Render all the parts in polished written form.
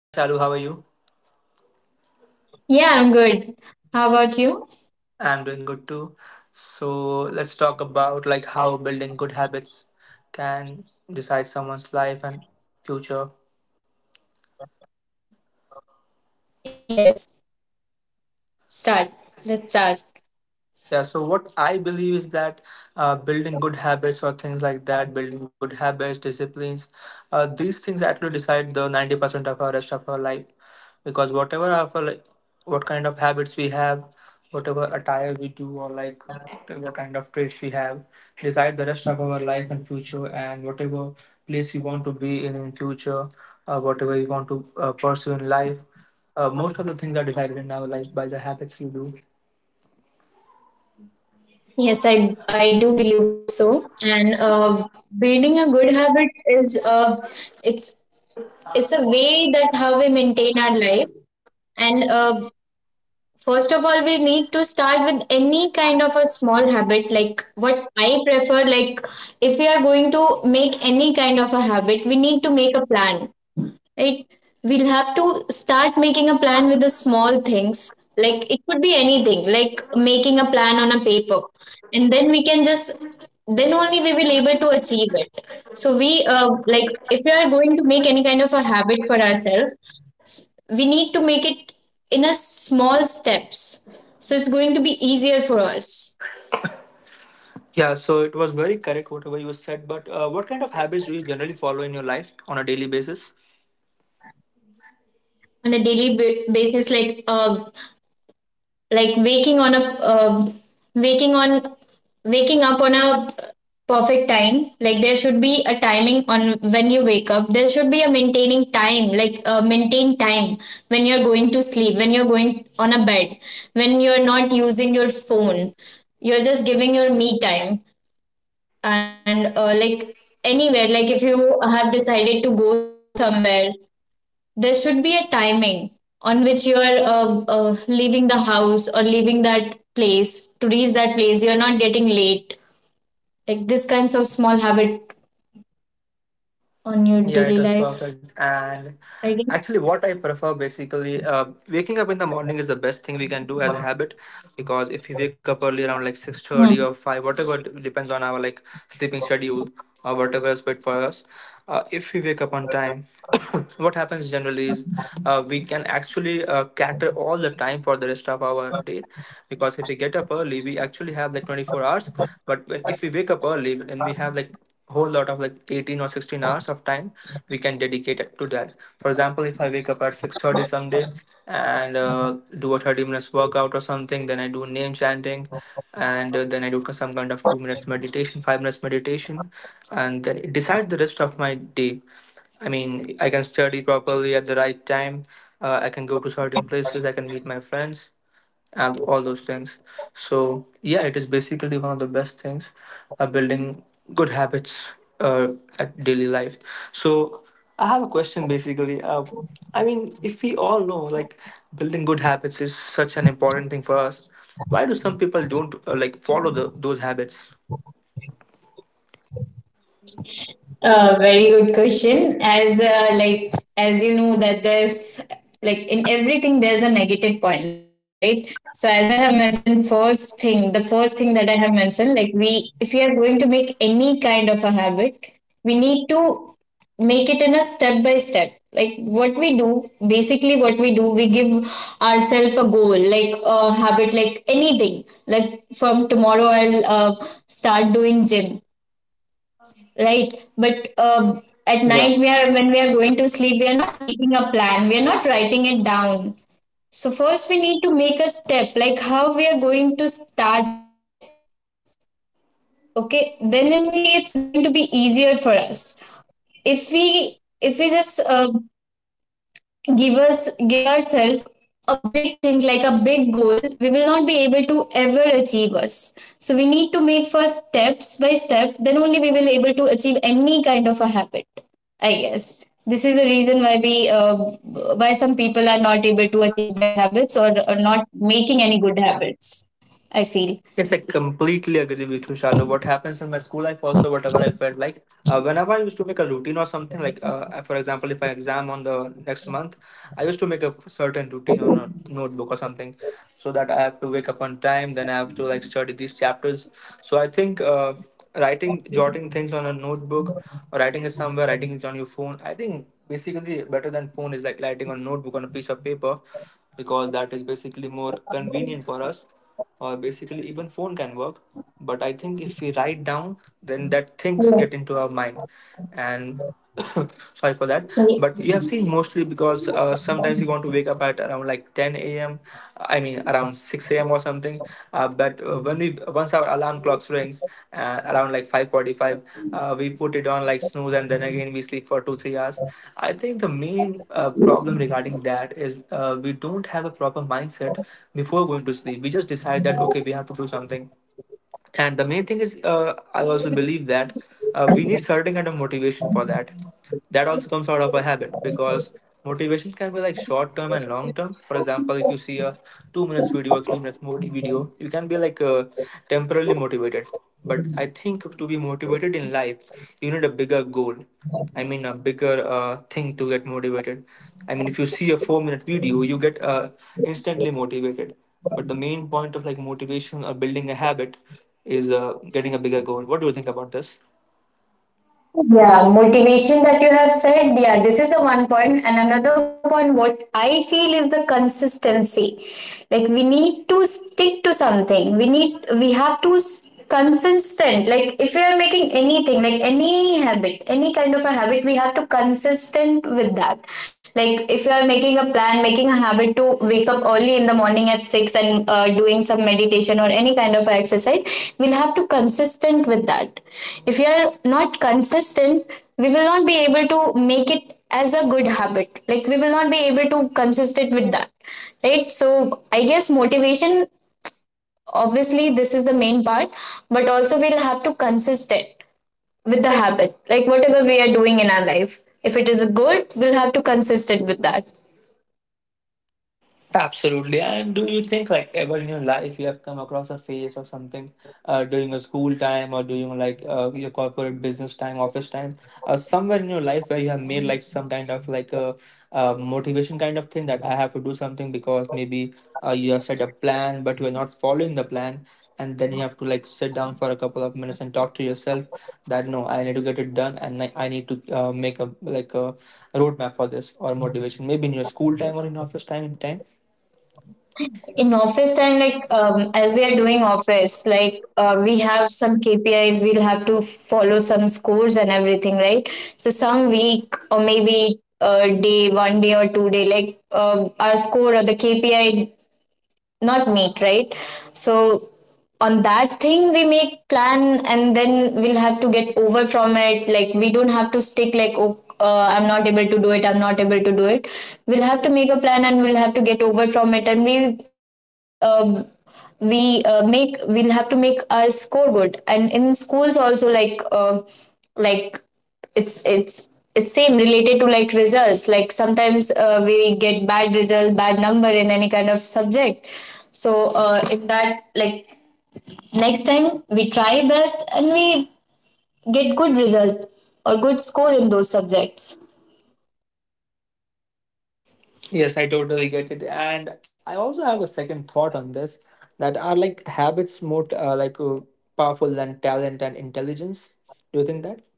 Hi Shalu, how are you? Yeah, I'm good. How about you? I'm doing good too. So let's talk about like how building good habits can decide someone's life and future. Yes. Start. Let's start. Yeah, so what I believe is that building good habits or things like that, building good habits, disciplines, these things actually decide the 90% of our rest of our life. Because whatever of our, like, what kind of habits we have, whatever attire we do, or like whatever kind of traits we have, decide the rest of our life and future, and whatever place we want to be in future, whatever we want to pursue in life. Most of the things are decided in our life by the habits we do. Yes, I do believe so. And building a good habit is it's it's a way that how we maintain our life. And first of all, we need to start with any kind of a small habit. Like what I prefer, like if we are going to make any kind of a habit, we need to make a plan, right? We'll have to start making a plan with the small things. Like it could be anything, like making a plan on a paper. And then we can just, then only we will able to achieve it. So we, like, if we are going to make any kind of a habit for ourselves, we need to make it in a small steps. So it's going to be easier for us Yeah, so it was very correct whatever you said. But what kind of habits do you generally follow in your life on a daily basis? on a daily basis. Like uh, waking on waking up on a perfect time. Like there should be a timing on when you wake up. There should be a maintaining time, like maintain time when you're going to sleep, when you're going on a bed, when you're not using your phone, you're just giving your me time. And like anywhere, like if you have decided to go somewhere, there should be a timing on which you are leaving the house or leaving that place, to reach that place you're not getting late. Like this kinds of small habit on your Yeah, it daily was perfect. life, And I guess. actually, what I prefer basically, waking up in the morning is the best thing we can do as a habit because if you wake up early around like 6:30 or Hmm. 5, whatever, it depends on our like sleeping schedule or whatever is fit for us. If we wake up on time, what happens generally is we can actually cater all the time for the rest of our day because if we get up early, we actually have like 24 hours. But when, if we wake up early, then we have like whole lot of like 18 or 16 hours of time we can dedicate it to that. For example, if I wake up at 6:30 someday and do a 30 minutes workout or something, then I do name chanting and then I do some kind of 2 minutes meditation, 5 minutes meditation and then decide the rest of my day. I mean, I can study properly at the right time. I can go to certain places. I can meet my friends and all those things. So yeah, it is basically one of the best things, building good habits uh, at daily life. So I have a question basically. I mean, if we all know like building good habits is such an important thing for us, why do some people don't like follow the, those habits? Very good question. As like, as you know that there's like in everything there's a negative point, right? So as I have mentioned, first thing, the first thing that I have mentioned, like we, if we are going to make any kind of a habit, we need to make it in a step by step. Like what we do basically, what we do, we give ourselves a goal, like a habit, like anything like from tomorrow I'll start doing gym, right? But at night Yeah. we are, when we are going to sleep, we are not making a plan, we are not writing it down. So first we need to make a step like how we are going to start it, okay? Then only it's going to be easier for us. If we if we just give us, give ourselves a big thing, like a big goal, we will not be able to ever achieve us. So we need to make first steps by step, then only we will able to achieve any kind of a habit. I guess this is the reason why we, why some people are not able to achieve their habits, or not making any good habits, I feel. Yes, I completely agree with you, Shalu. What happens in my school life also, whatever I felt like, whenever I used to make a routine or something, like for example, if I exam on the next month, I used to make a certain routine on a notebook or something, so that I have to wake up on time, then I have to like study these chapters. So I think writing, jotting things on a notebook, or writing it somewhere, writing it on your phone. I think basically better than phone is like writing on notebook on a piece of paper because that is basically more convenient for us or basically even phone can work, but I think if we write down then that things get into our mind. And sorry for that. But you have seen mostly because sometimes you want to wake up at around like 10 a.m, I mean around six. 6 a.m. or something. But When we once our alarm clock rings around like 5:45, we put it on like snooze, and then again we sleep for 2 3 hours. I think the main problem regarding that is we don't have a proper mindset before going to sleep. We just decide that okay, we have to do something. And the main thing is I also believe that we need certain kind of motivation for that. That also comes out of a habit because motivation can be like short term and long term. For example, if you see a 2 minutes video or 3 minutes video, you can be like temporarily motivated. But I think to be motivated in life you need a bigger goal. I mean, a bigger thing to get motivated. I mean, if you see a 4 minute video, you get instantly motivated. But the main point of like motivation or building a habit is getting a bigger goal. What do you think about this? Yeah, motivation that you have said. Yeah, this is the one point. And another point, what I feel is the consistency. Like we need to stick to something. We need, we have to consistent. Like if you are making anything, like any habit, any kind of a habit, we have to consistent with that. Like if you are making a plan, making a habit to wake up early in the morning at 6, and doing some meditation or any kind of exercise, we'll have to be consistent with that. If you are not consistent, we will not be able to make it as a good habit. Like we will not be able to consistent with that, right? So I guess motivation obviously this is the main part, but also we'll have to consistent with the habit. Like whatever we are doing in our life, if it is a good, we'll have to consistent with that. Absolutely. And do you think, like, ever in your life you have come across a phase or something during your school time or during like your corporate business time, office time, somewhere in your life where you have made like some kind of like a, motivation kind of thing that I have to do something because maybe you have set a plan but you are not following the plan, and then you have to like sit down for a couple of minutes and talk to yourself that no, I need to get it done and I need to make a like a roadmap for this or motivation. Maybe in your school time or in office time in time. In office time, like as we are doing office, like we have some kpis, we'll have to follow some scores and everything, right? So some week or maybe a day, one day or 2 day, like our score or the kpi not meet, right? So on that thing we make plan and then we'll have to get over from it. Like we don't have to stick like, oh, I'm not able to do it, I'm not able to do it. We'll have to make a plan and we'll have to get over from it, and we'll have to make our score good. And in schools also, like it's same related to like results. Like sometimes we get bad result, bad number in any kind of subject. So in that, like next time we try best and we get good result or good score in those subjects. Yes, I totally get it. And I also have a second thought on this, that are like habits more powerful than talent and intelligence? Do you think that?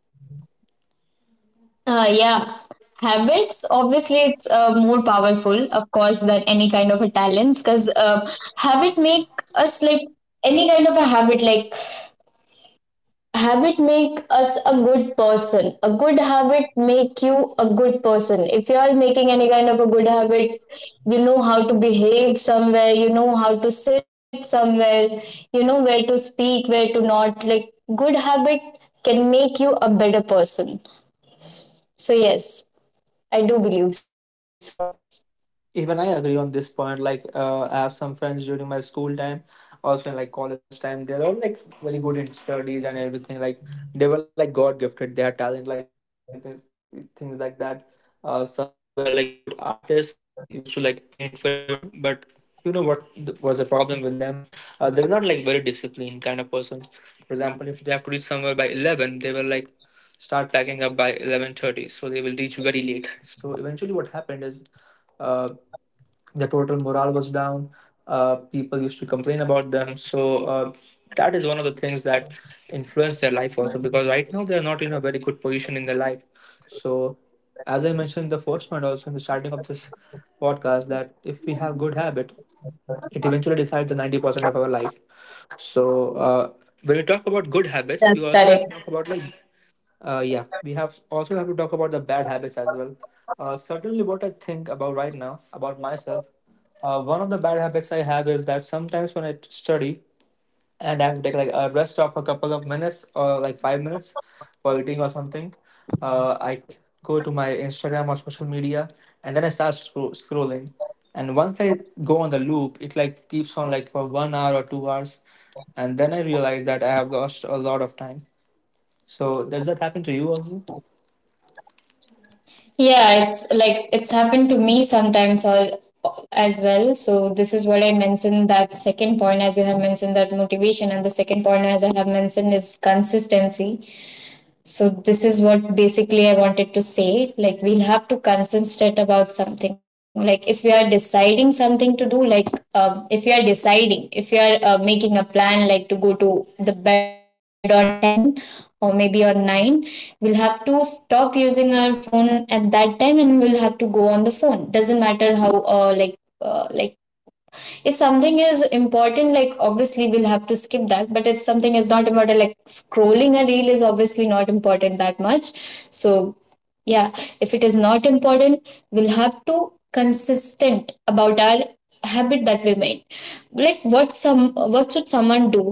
yeah, habits obviously it's more powerful of course than any kind of a talents, because habit make us like any kind of a habit, like habit make us a good person, a good habit make you a good person. If you are making any kind of a good habit, you know how to behave somewhere, you know how to sit somewhere, you know where to speak, where to not. Like good habit can make you a better person. So yes, I do believe so. Even I agree on this point. Like, I have some friends during my school time, also in like college time. They're all like very good in studies and everything. Like, they were like God gifted. They had talent, like this, things like that. Some were like good artists. Some used to like paint very good. But you know what was the problem with them? They were not like very disciplined kind of person. For example, if they have to reach somewhere by 11, they were like start packing up by 11:30, so they will reach very late. So eventually what happened is uh, the total morale was down. People used to complain about them. So that is one of the things that influence their life also because right now they are not in a very good position in their life. So as I mentioned in the first one also in the starting of this podcast, that if we have good habit, it eventually decides the 90% of our life. So when we talk about good habits, we also have to talk about like yeah, we have also have to talk about the bad habits as well. Certainly, what I think about right now about myself, one of the bad habits I have is that sometimes when I study and I have to take like a rest of a couple of minutes or like 5 minutes for eating or something, I go to my Instagram or social media and then I start scrolling. And once I go on the loop, it like keeps on like for 1 hour or 2 hours, and then I realize that I have lost a lot of time. So does that happen to you also? Yeah, it's like it's happened to me sometimes as well. So this is what I mentioned, that second point as you have mentioned, that motivation, and the second point as I have mentioned is consistency. So this is what basically I wanted to say. Like we'll have to concentrate about something. Like if we are deciding something to do, like if you are deciding, if you are making a plan, like to go to the bed on 10 or maybe on 9, we'll have to stop using our phone at that time, and we'll have to go on the phone. Doesn't matter how like if something is important, like obviously we'll have to skip that, but if something is not important, like scrolling a reel is obviously not important that much. So yeah, if it is not important, we'll have to consistent about our habit that we made. Like what some, what should someone do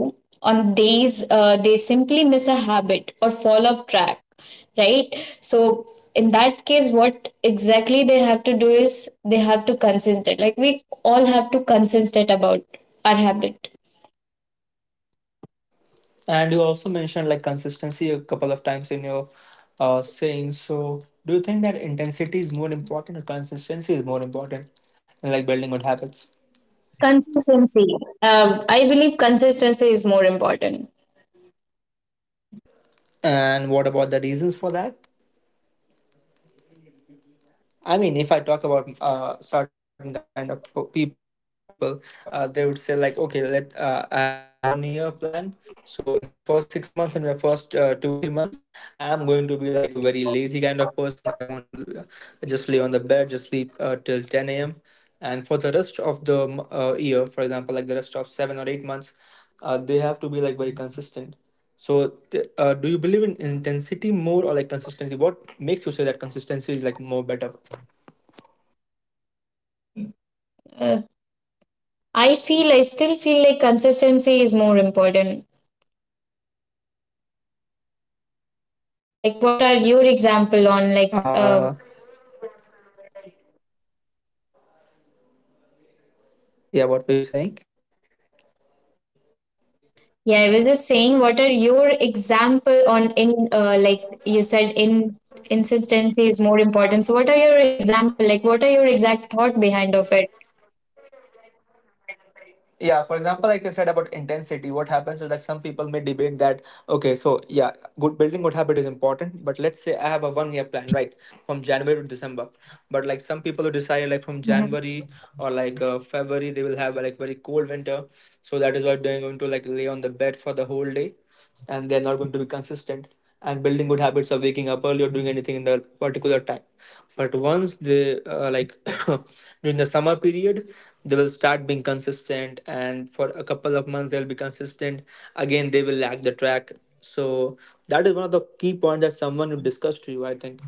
on days they simply miss a habit or fall off track, right? So in that case what exactly they have to do is they have to consistent, like we all have to consistent about our habit. And you also mentioned like consistency a couple of times in your saying. So, do you think that intensity is more important or consistency is more important in like building good habits? Consistency. um, I believe consistency is more important. And what about the reasons for that? I mean, if I talk about certain kind of people, they would say like, okay, let I have a 1 year plan. So in the first 6 months, in the first 2 3 months, I'm going to be like a very lazy kind of person. I want to just lay on the bed, just sleep till 10 a.m. And for the rest of the year, for example, like the rest of 7 or 8 months, they have to be like very consistent. So, do you believe in intensity more or like consistency? What makes you say that consistency is like more better? uh, I feel I still feel like consistency is more important. Like, what are your Okay. example on, like? Uh, yeah, what were you saying? Yeah, I was just saying, what are your example on in like, you said in consistency is more important. So, what are your example like? What are your exact thought behind of it? Yeah, for example, like I said about intensity, what happens is that some people may debate that, okay, so yeah, good building good habit is important, but let's say I have a 1 year plan, right? From January to December. But like some people who decided like from Mhm. January or like February, they will have like very cold winter, so that is why they're going to like lay on the bed for the whole day, and they're not going to be consistent and building good habits of waking up early or doing anything in the particular time. But once they during the summer period, they will start being consistent, and for a couple of months they'll be consistent. Again, they will lag the track. So that is one of the key points that someone would discuss to you, I think,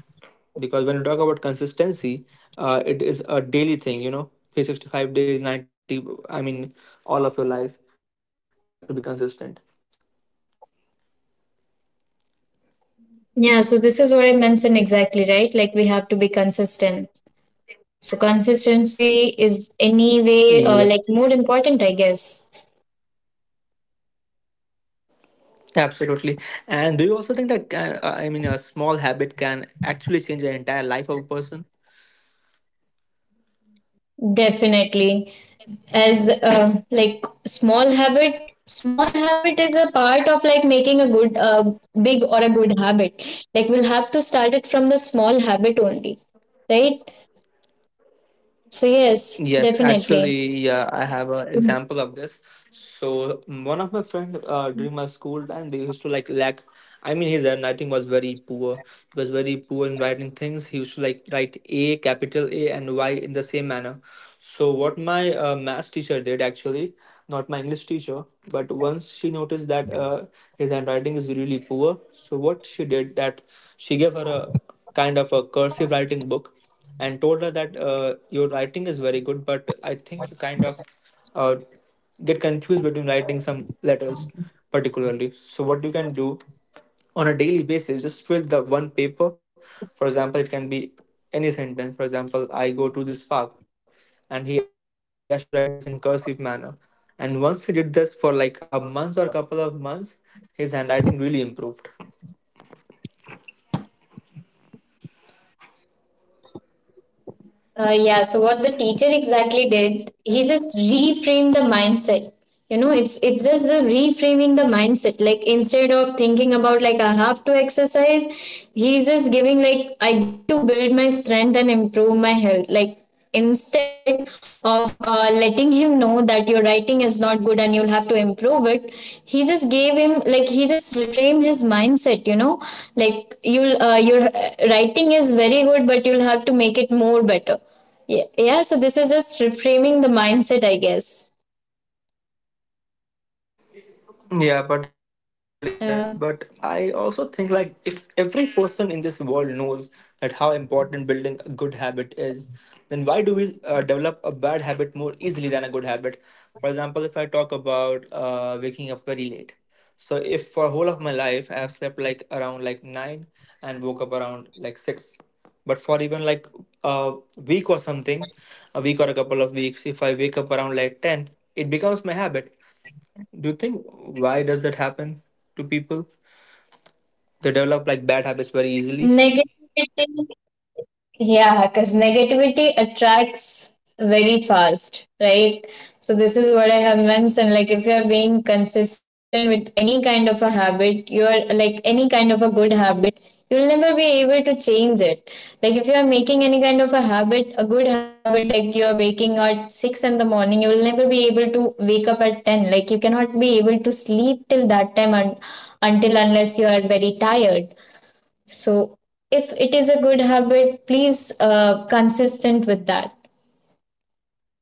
because when you talk about consistency, it is a daily thing, you know, 365 days, 90, I mean all of your life, you have to be consistent. Yeah, so this is what I mentioned exactly, right? Like we have to be consistent. So consistency is Yes, anyway like more important, I guess. absolutely. And do you also think that can, I mean, a small habit can actually change the entire life of a person? Definitely. As like, small habit is a part of like making a good, big or a good habit. Like we'll have to start it from the small habit only, right? So Yes, yes, actually, definitely. yeah, I have an example of this. So mm, one of my friend during my school time, they used to like lack. I mean, his handwriting was very poor. He was very poor in writing things. He used to like write A, capital A, and Y in the same manner. So what my math teacher did actually, not my English teacher, but once she noticed that his handwriting is really poor, so what she did that, she gave her a kind of a cursive writing book and told her that your writing is very good, but I think you kind of uh, get confused between writing some letters particularly. So what you can do? On a daily basis, just fill the one paper. For example, it can be any sentence. For example, I go to this park, and he has to write this in cursive manner. And once he did this for like a month or a couple of months, his handwriting really improved. Yeah, so what the teacher exactly did, he just reframed the mindset. You know, it's just the reframing the mindset. Like instead of thinking about like I have to exercise, he's just giving like I get to build my strength and improve my health. Like instead of letting him know that your writing is not good and you'll have to improve it, he just gave him like, he just reframed his mindset, you know? Like, you'll your writing is very good, but you'll have to make it more better. Yeah, yeah, so this is just reframing the mindset, I guess. Yeah, particularly yes. But uh, I also think like, if every person in this world knows that how important building a good habit is, then why do we develop a bad habit more easily than a good habit? For example, if I talk about waking up very late, so if for whole of my life I have slept like around like nine and woke up around like six, but for even like a week or something, a week or a couple of weeks, if I wake up around like ten, it becomes my habit. Do you think why does that happen to people? They develop like bad habits very easily. negativity. Yeah, because negativity attracts very fast, right? So this is what I have mentioned. Like if you are being consistent with any kind of a habit, you are like any kind of a good habit, you'll never be able to change it. Like if you are making any kind of a habit, a good habit, like you are waking at 6 in the morning, you will never be able to wake up at 10. Like you cannot be able to sleep till that time, and until unless you are very tired. So if it is a good habit, please consistent with that.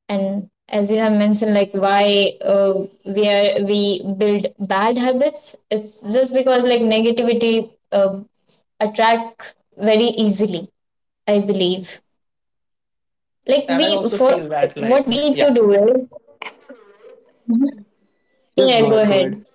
And as you have mentioned, like why we are, we build bad habits, it's just because like negativity uh, attracts very easily. I believe. Like And I we, also for feel that what like, we yeah. need to do is Yes, go yeah. ahead, Go go ahead. ahead.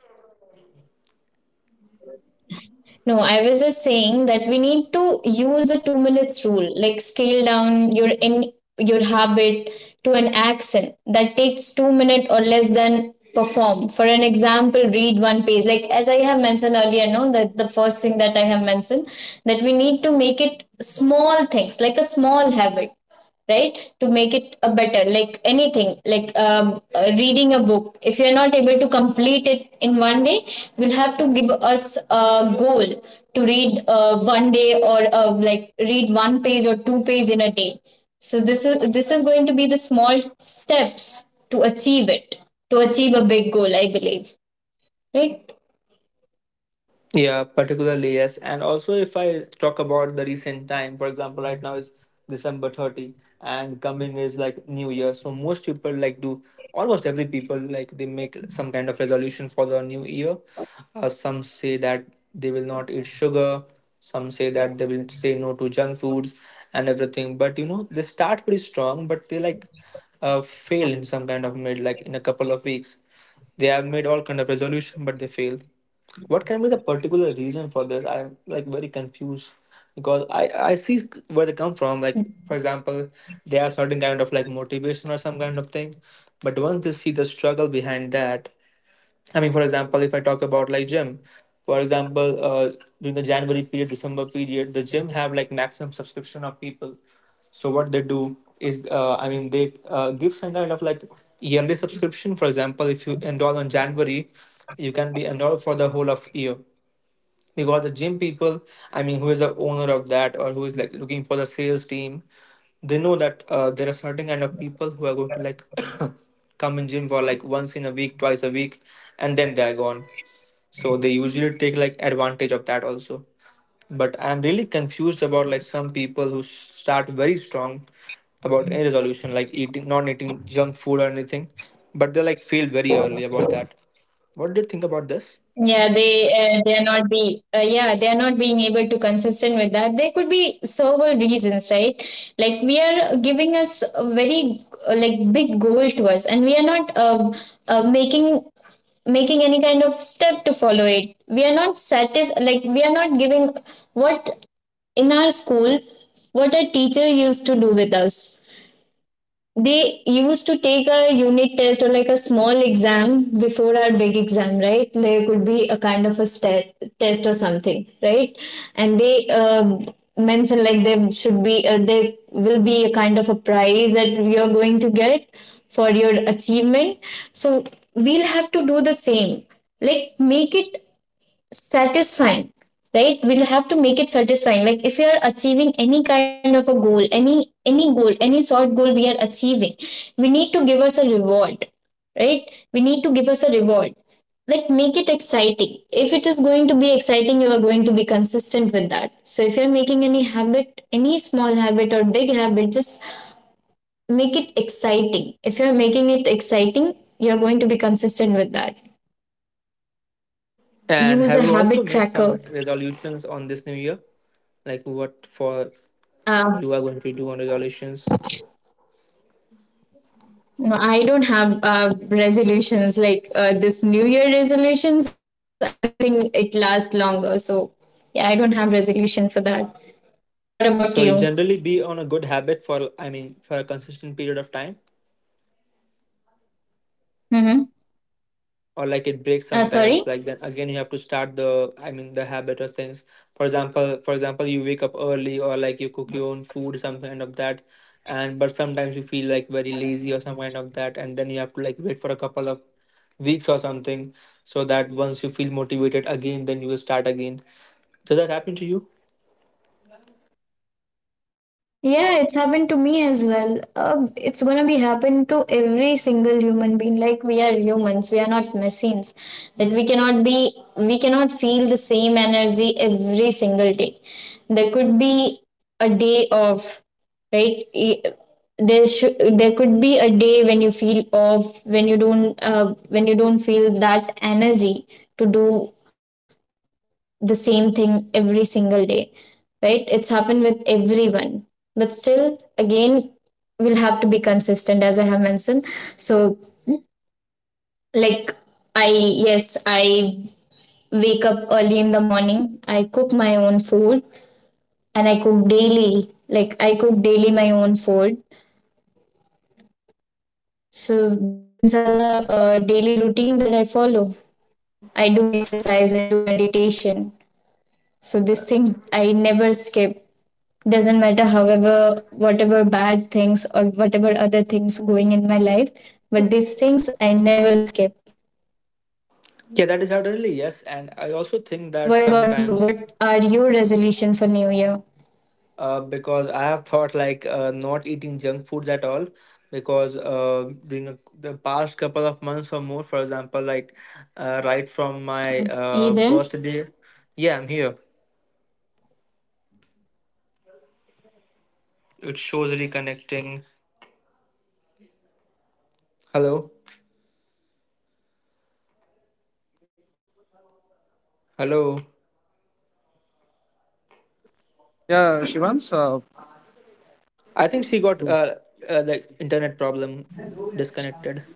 No, I was just saying that we need to use a 2 minutes rule, like scale down your in your habit to an action that takes 2 minutes or less than perform. For an example, read one page. Like as I have mentioned earlier, no, that the first thing that I have mentioned, that we need to make it small things, like a small habit, right, to make it a better, like anything like reading a book. If you're not able to complete it in one day, we'll have to give us a goal to read one day, or like read one page or two page in a day. So this is going to be the small steps to achieve it, to achieve a big goal, I believe, right? Yeah, particularly yes. And also, if I talk about the recent time, for example, right now is December 30th, and coming is like New Year. So most people like do, almost every people like they make some kind of resolution for the new year. Some say that they will not eat sugar. Some say that they will say no to junk foods and everything. But you know, they start pretty strong, but they like fail in some kind of mid, like in a couple of weeks. They have made all kind of resolution, but they failed. What can be the particular reason for this? I'm like very confused because I see where they come from. Like, for example, they have certain kind of like motivation or some kind of thing, but once they see the struggle behind that, I mean, for example, if I talk about like gym, for example, during the January period, December period, the gym have like maximum subscription of people. So what they do is, I mean, they give some kind of like yearly subscription. For example, if you enroll on January, you can be enrolled for the whole of year. We got the gym people, I mean who is the owner of that or who is like looking for the sales team, they know that there are certain kind of people who are going to like come in gym for like once in a week, twice a week, and then they're gone. So they usually take like advantage of that also. But I'm really confused about like some people who start very strong about any resolution like eating, not eating junk food or anything, but they like fail very early about that. What do you think about this? Yeah, they are not be yeah, they are not being able to consistent with that. There could be several reasons, right? Like we are giving us a very like big goal to us, and we are not making making any kind of step to follow it. We are not satis, like we are not giving, what, in our school, what a teacher used to do with us, they used to take a unit test or like a small exam before our big exam, right? There could be a kind of a stat- test or something, right? And they mention like there should be there will be a kind of a prize that you're going to get for your achievement. So we'll have to do the same, like make it satisfying, right? We'll have to make it satisfying. Like if you are achieving any kind of a goal, any goal, any sort goal we are achieving, we need to give us a reward, right? We need to give us a reward. Like make it exciting. If it is going to be exciting, you are going to be consistent with that. So if you're making any habit, any small habit or big habit, just make it exciting. If you're making it exciting, you're going to be consistent with that. And Use a have you also habit made some tracker. resolutions on this new year? Like what for uh, you are going to do on resolutions? No, I don't have resolutions like this New Year resolutions. I don't think it lasts longer. So, yeah, I don't have resolution for that. What about you? So you generally be on a good habit for, I mean for a consistent period of time, Mm-hmm. or like it breaks Sorry? sometimes, like then again you have to start the, I mean the habit or things. For example, for example, you wake up early or like you cook your own food some kind of that, and but sometimes you feel like very lazy or some kind of that, and then you have to like wait for a couple of weeks or something, so that once you feel motivated again, then you will start again. Did that happen to you? Yeah, it's happened to me as well. It's gonna be happen to every single human being. Like we are humans, we are not machines. That we cannot be, we cannot feel the same energy every single day. There could be a day of, right? E- There should, there could be a day when you feel off, when you don't feel that energy to do the same thing every single day, right? It's happened with everyone. But still, again, we'll have to be consistent, as I have mentioned. So, like, yes, I wake up early in the morning, I cook my own food, and I cook daily. Like, I cook daily my own food. So, these are the daily routine that I follow. I do exercise, I do meditation. So this thing I never skip. Doesn't matter however whatever bad things or whatever other things going in my life, but these things I never skip. Yeah, that is certainly yes. And I also think that What about you? sometimes, What are your resolution for New Year? Because I have thought like not eating junk foods at all, because during a, the past couple of months or more, for example, like right from my Are you there? birthday, yeah, I'm here. It shows reconnecting. Hello, Shivang, you there? hello. Yeah, Shivans, I think she got like internet problem, disconnected.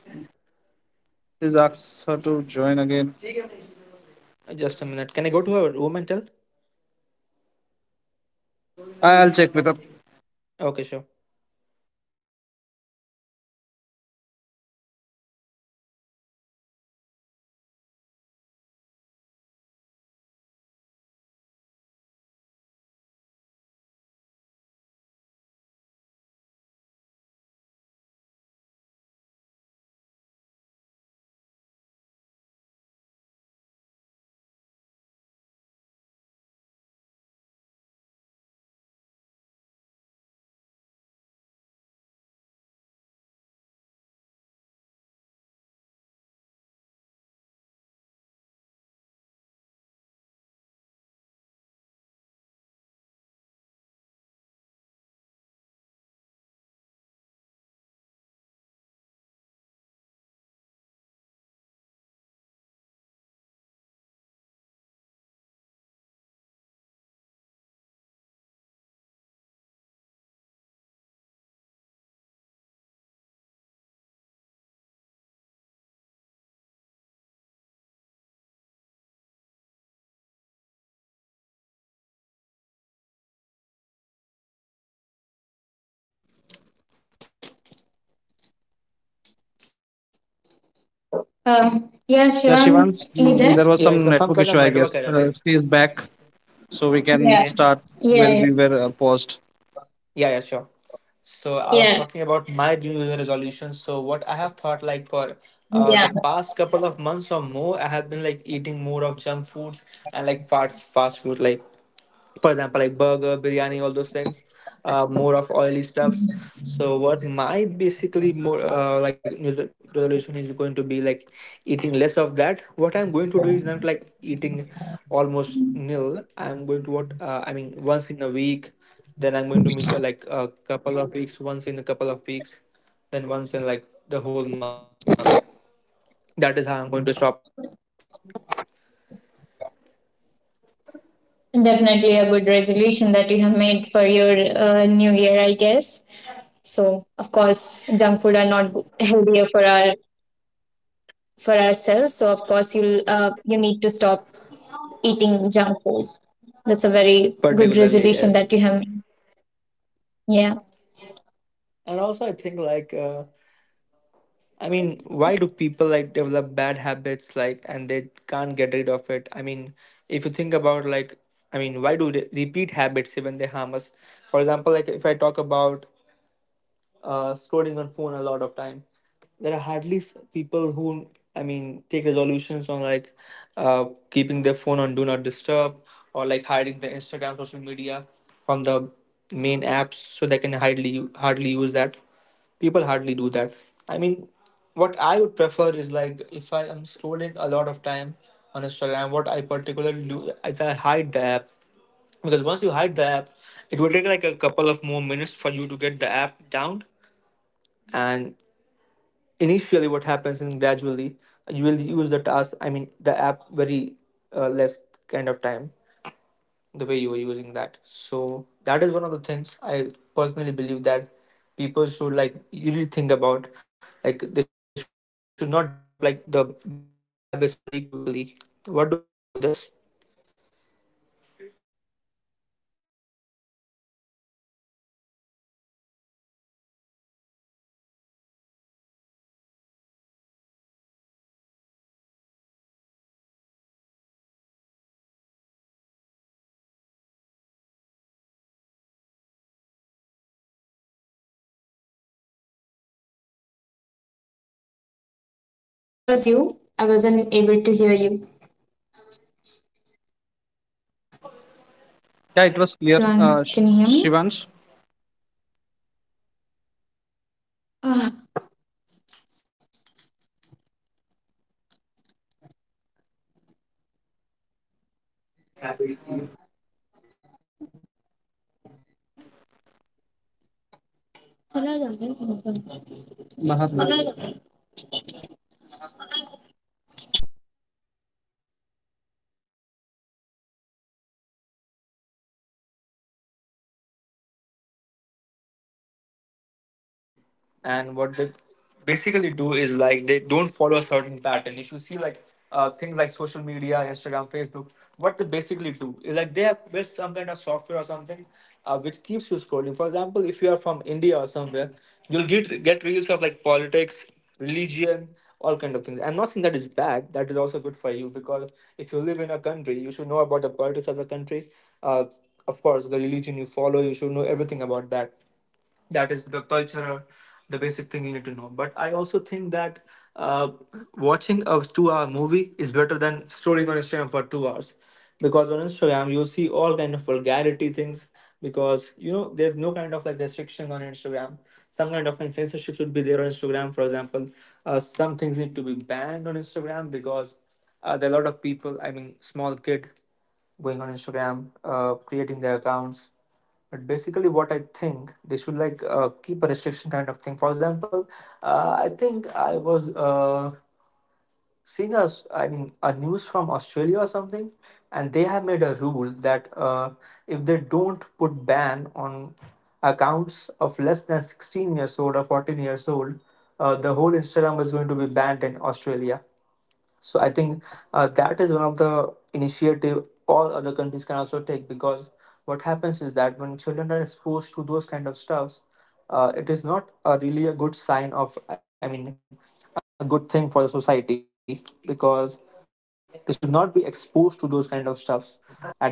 please ask her to join again. Just a minute. Can I go to her room and tell? I'll check with her. Okay, sure. Yeah, Yeah, Shivang, Shivans, you there? There was Yeah, it some was some network kind issue, of I guess. network error, right? She is back, so Yeah. we can Okay. start where we Yeah, were yeah, paused. Yeah, yeah, sure. So I was yeah, talking about my New Year resolution. So what I have thought like for the yeah. past couple of months or more, I have been like eating more of junk foods and like fast food. Like, for example, like burger biryani, all those things, more of oily stuffs. So what my basically more like New Year's resolution is going to be like eating less of that. What I'm going to do is not like eating almost nil. I'm going to what, I mean, once in a week, then I'm going to make a, like a couple of weeks, once in a couple of weeks, then once in like the whole month. That is how I'm going to stop it. Definitely a good resolution that you have made for your new year, I guess. So of course, junk food are not good- healthier for our, for ourselves. So of course, you'll you need to stop eating junk food. That's a very good Particularly resolution yes. that you have made. Yeah. And also I think like, I mean, why do people like develop bad habits like and they can't get rid of it? I mean, if you think about like, I mean, why do they repeat habits even they harm us? For example, like if I talk about scrolling on phone a lot of time. There are hardly people who, I mean, take resolutions on like uh, keeping their phone on do not disturb or like hiding the Instagram social media from the main apps, so they can hardly use that. People hardly do that. I mean, what I would prefer is like, if I am scrolling a lot of time on Instagram, what I particularly do is I hide the app, because once you hide the app, it will take like a couple of more minutes for you to get the app down, and initially what happens and gradually you will use the task, I mean the app, very less kind of time the way you are using that. So that is one of the things I personally believe that people should like really think about, like they should not develop like the bad habits very quickly. What do you think about this? Hello, hello. Yes, there was some glitch again. Sorry. Yeah. Where was you? I wasn't able to hear you. Yeah, so basically what are you able Yeah, to it hear was me right clear, now? Shivang, can you hear me? Shivans. Yeah, can you hear me right now? Ah, Yeah, I can hear you. So what I was saying is like, why do like people repeat habits even when they harm us? I mean, people basically know that it is going to harm them. Still, they tend to do the same thing. I mean, people are not consistent with whatever they are doing. The point of scrolling or things. And what they basically do is like they don't follow a certain pattern. If you see like things like social media, Instagram, Facebook, what they basically do is like they have built some kind of software or something, which keeps you scrolling. For example, if you are from India or somewhere, you'll get reels of like politics, religion, all kind of things. I'm not saying that is bad. That is also good for you, because if you live in a country, you should know about the politics of the country. Uh, of course, the religion you follow, you should know everything about that. That is the culture, the basic thing you need to know. But I also think that uh, watching a 2 hour movie is better than scrolling on Instagram for 2 hours, because on Instagram you see all kind of vulgarity things, because you know there's no kind of like restriction on Instagram. Some kind of censorship should be there on Instagram. For example, some things need to be banned on Instagram, because there are a lot of people, I mean small kid going on Instagram creating their accounts. But basically, what I think, they should like keep a restriction kind of thing. For example, I think I was seeing us, I mean a news from Australia or something, and they have made a rule that if they don't put ban on accounts of less than 16 years old or 14 years old, the whole Instagram is going to be banned in Australia. So I think that is one of the initiative all other countries can also take, because what happens is that when children are exposed to those kind of stuffs, it is not a really a good sign of, I mean a good thing for the society, because they should not be exposed to those kind of stuffs at that time.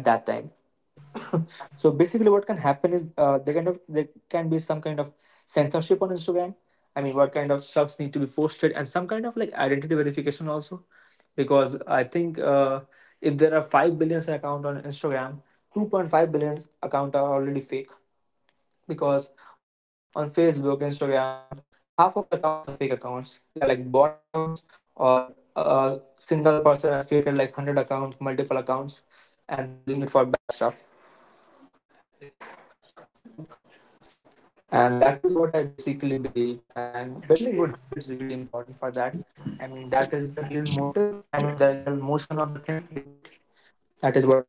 So basically what can happen is, there kind of, there can be some kind of censorship on Instagram. I mean, what kind of stuffs need to be posted and some kind of like identity verification also, because I think if there are 5 billions account on Instagram, 2.5 billions account are already fake, because on Facebook, Instagram, half of the accounts are fake accounts. They are like bot accounts, or a single person has created like 100 accounts, multiple accounts, and they're using it for bad stuff. And that is what I basically believe, and building good habits is really important for that. I mean, that is the real motive, I mean the real motion of the thing debate. That is what I believe truly.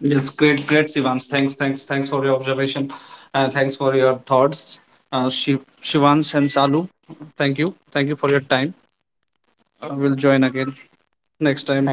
Yes, great, Shivans. Thanks for your observation, and thanks for your thoughts, Shivans and Salu. Thank you for your time. We'll join again next time.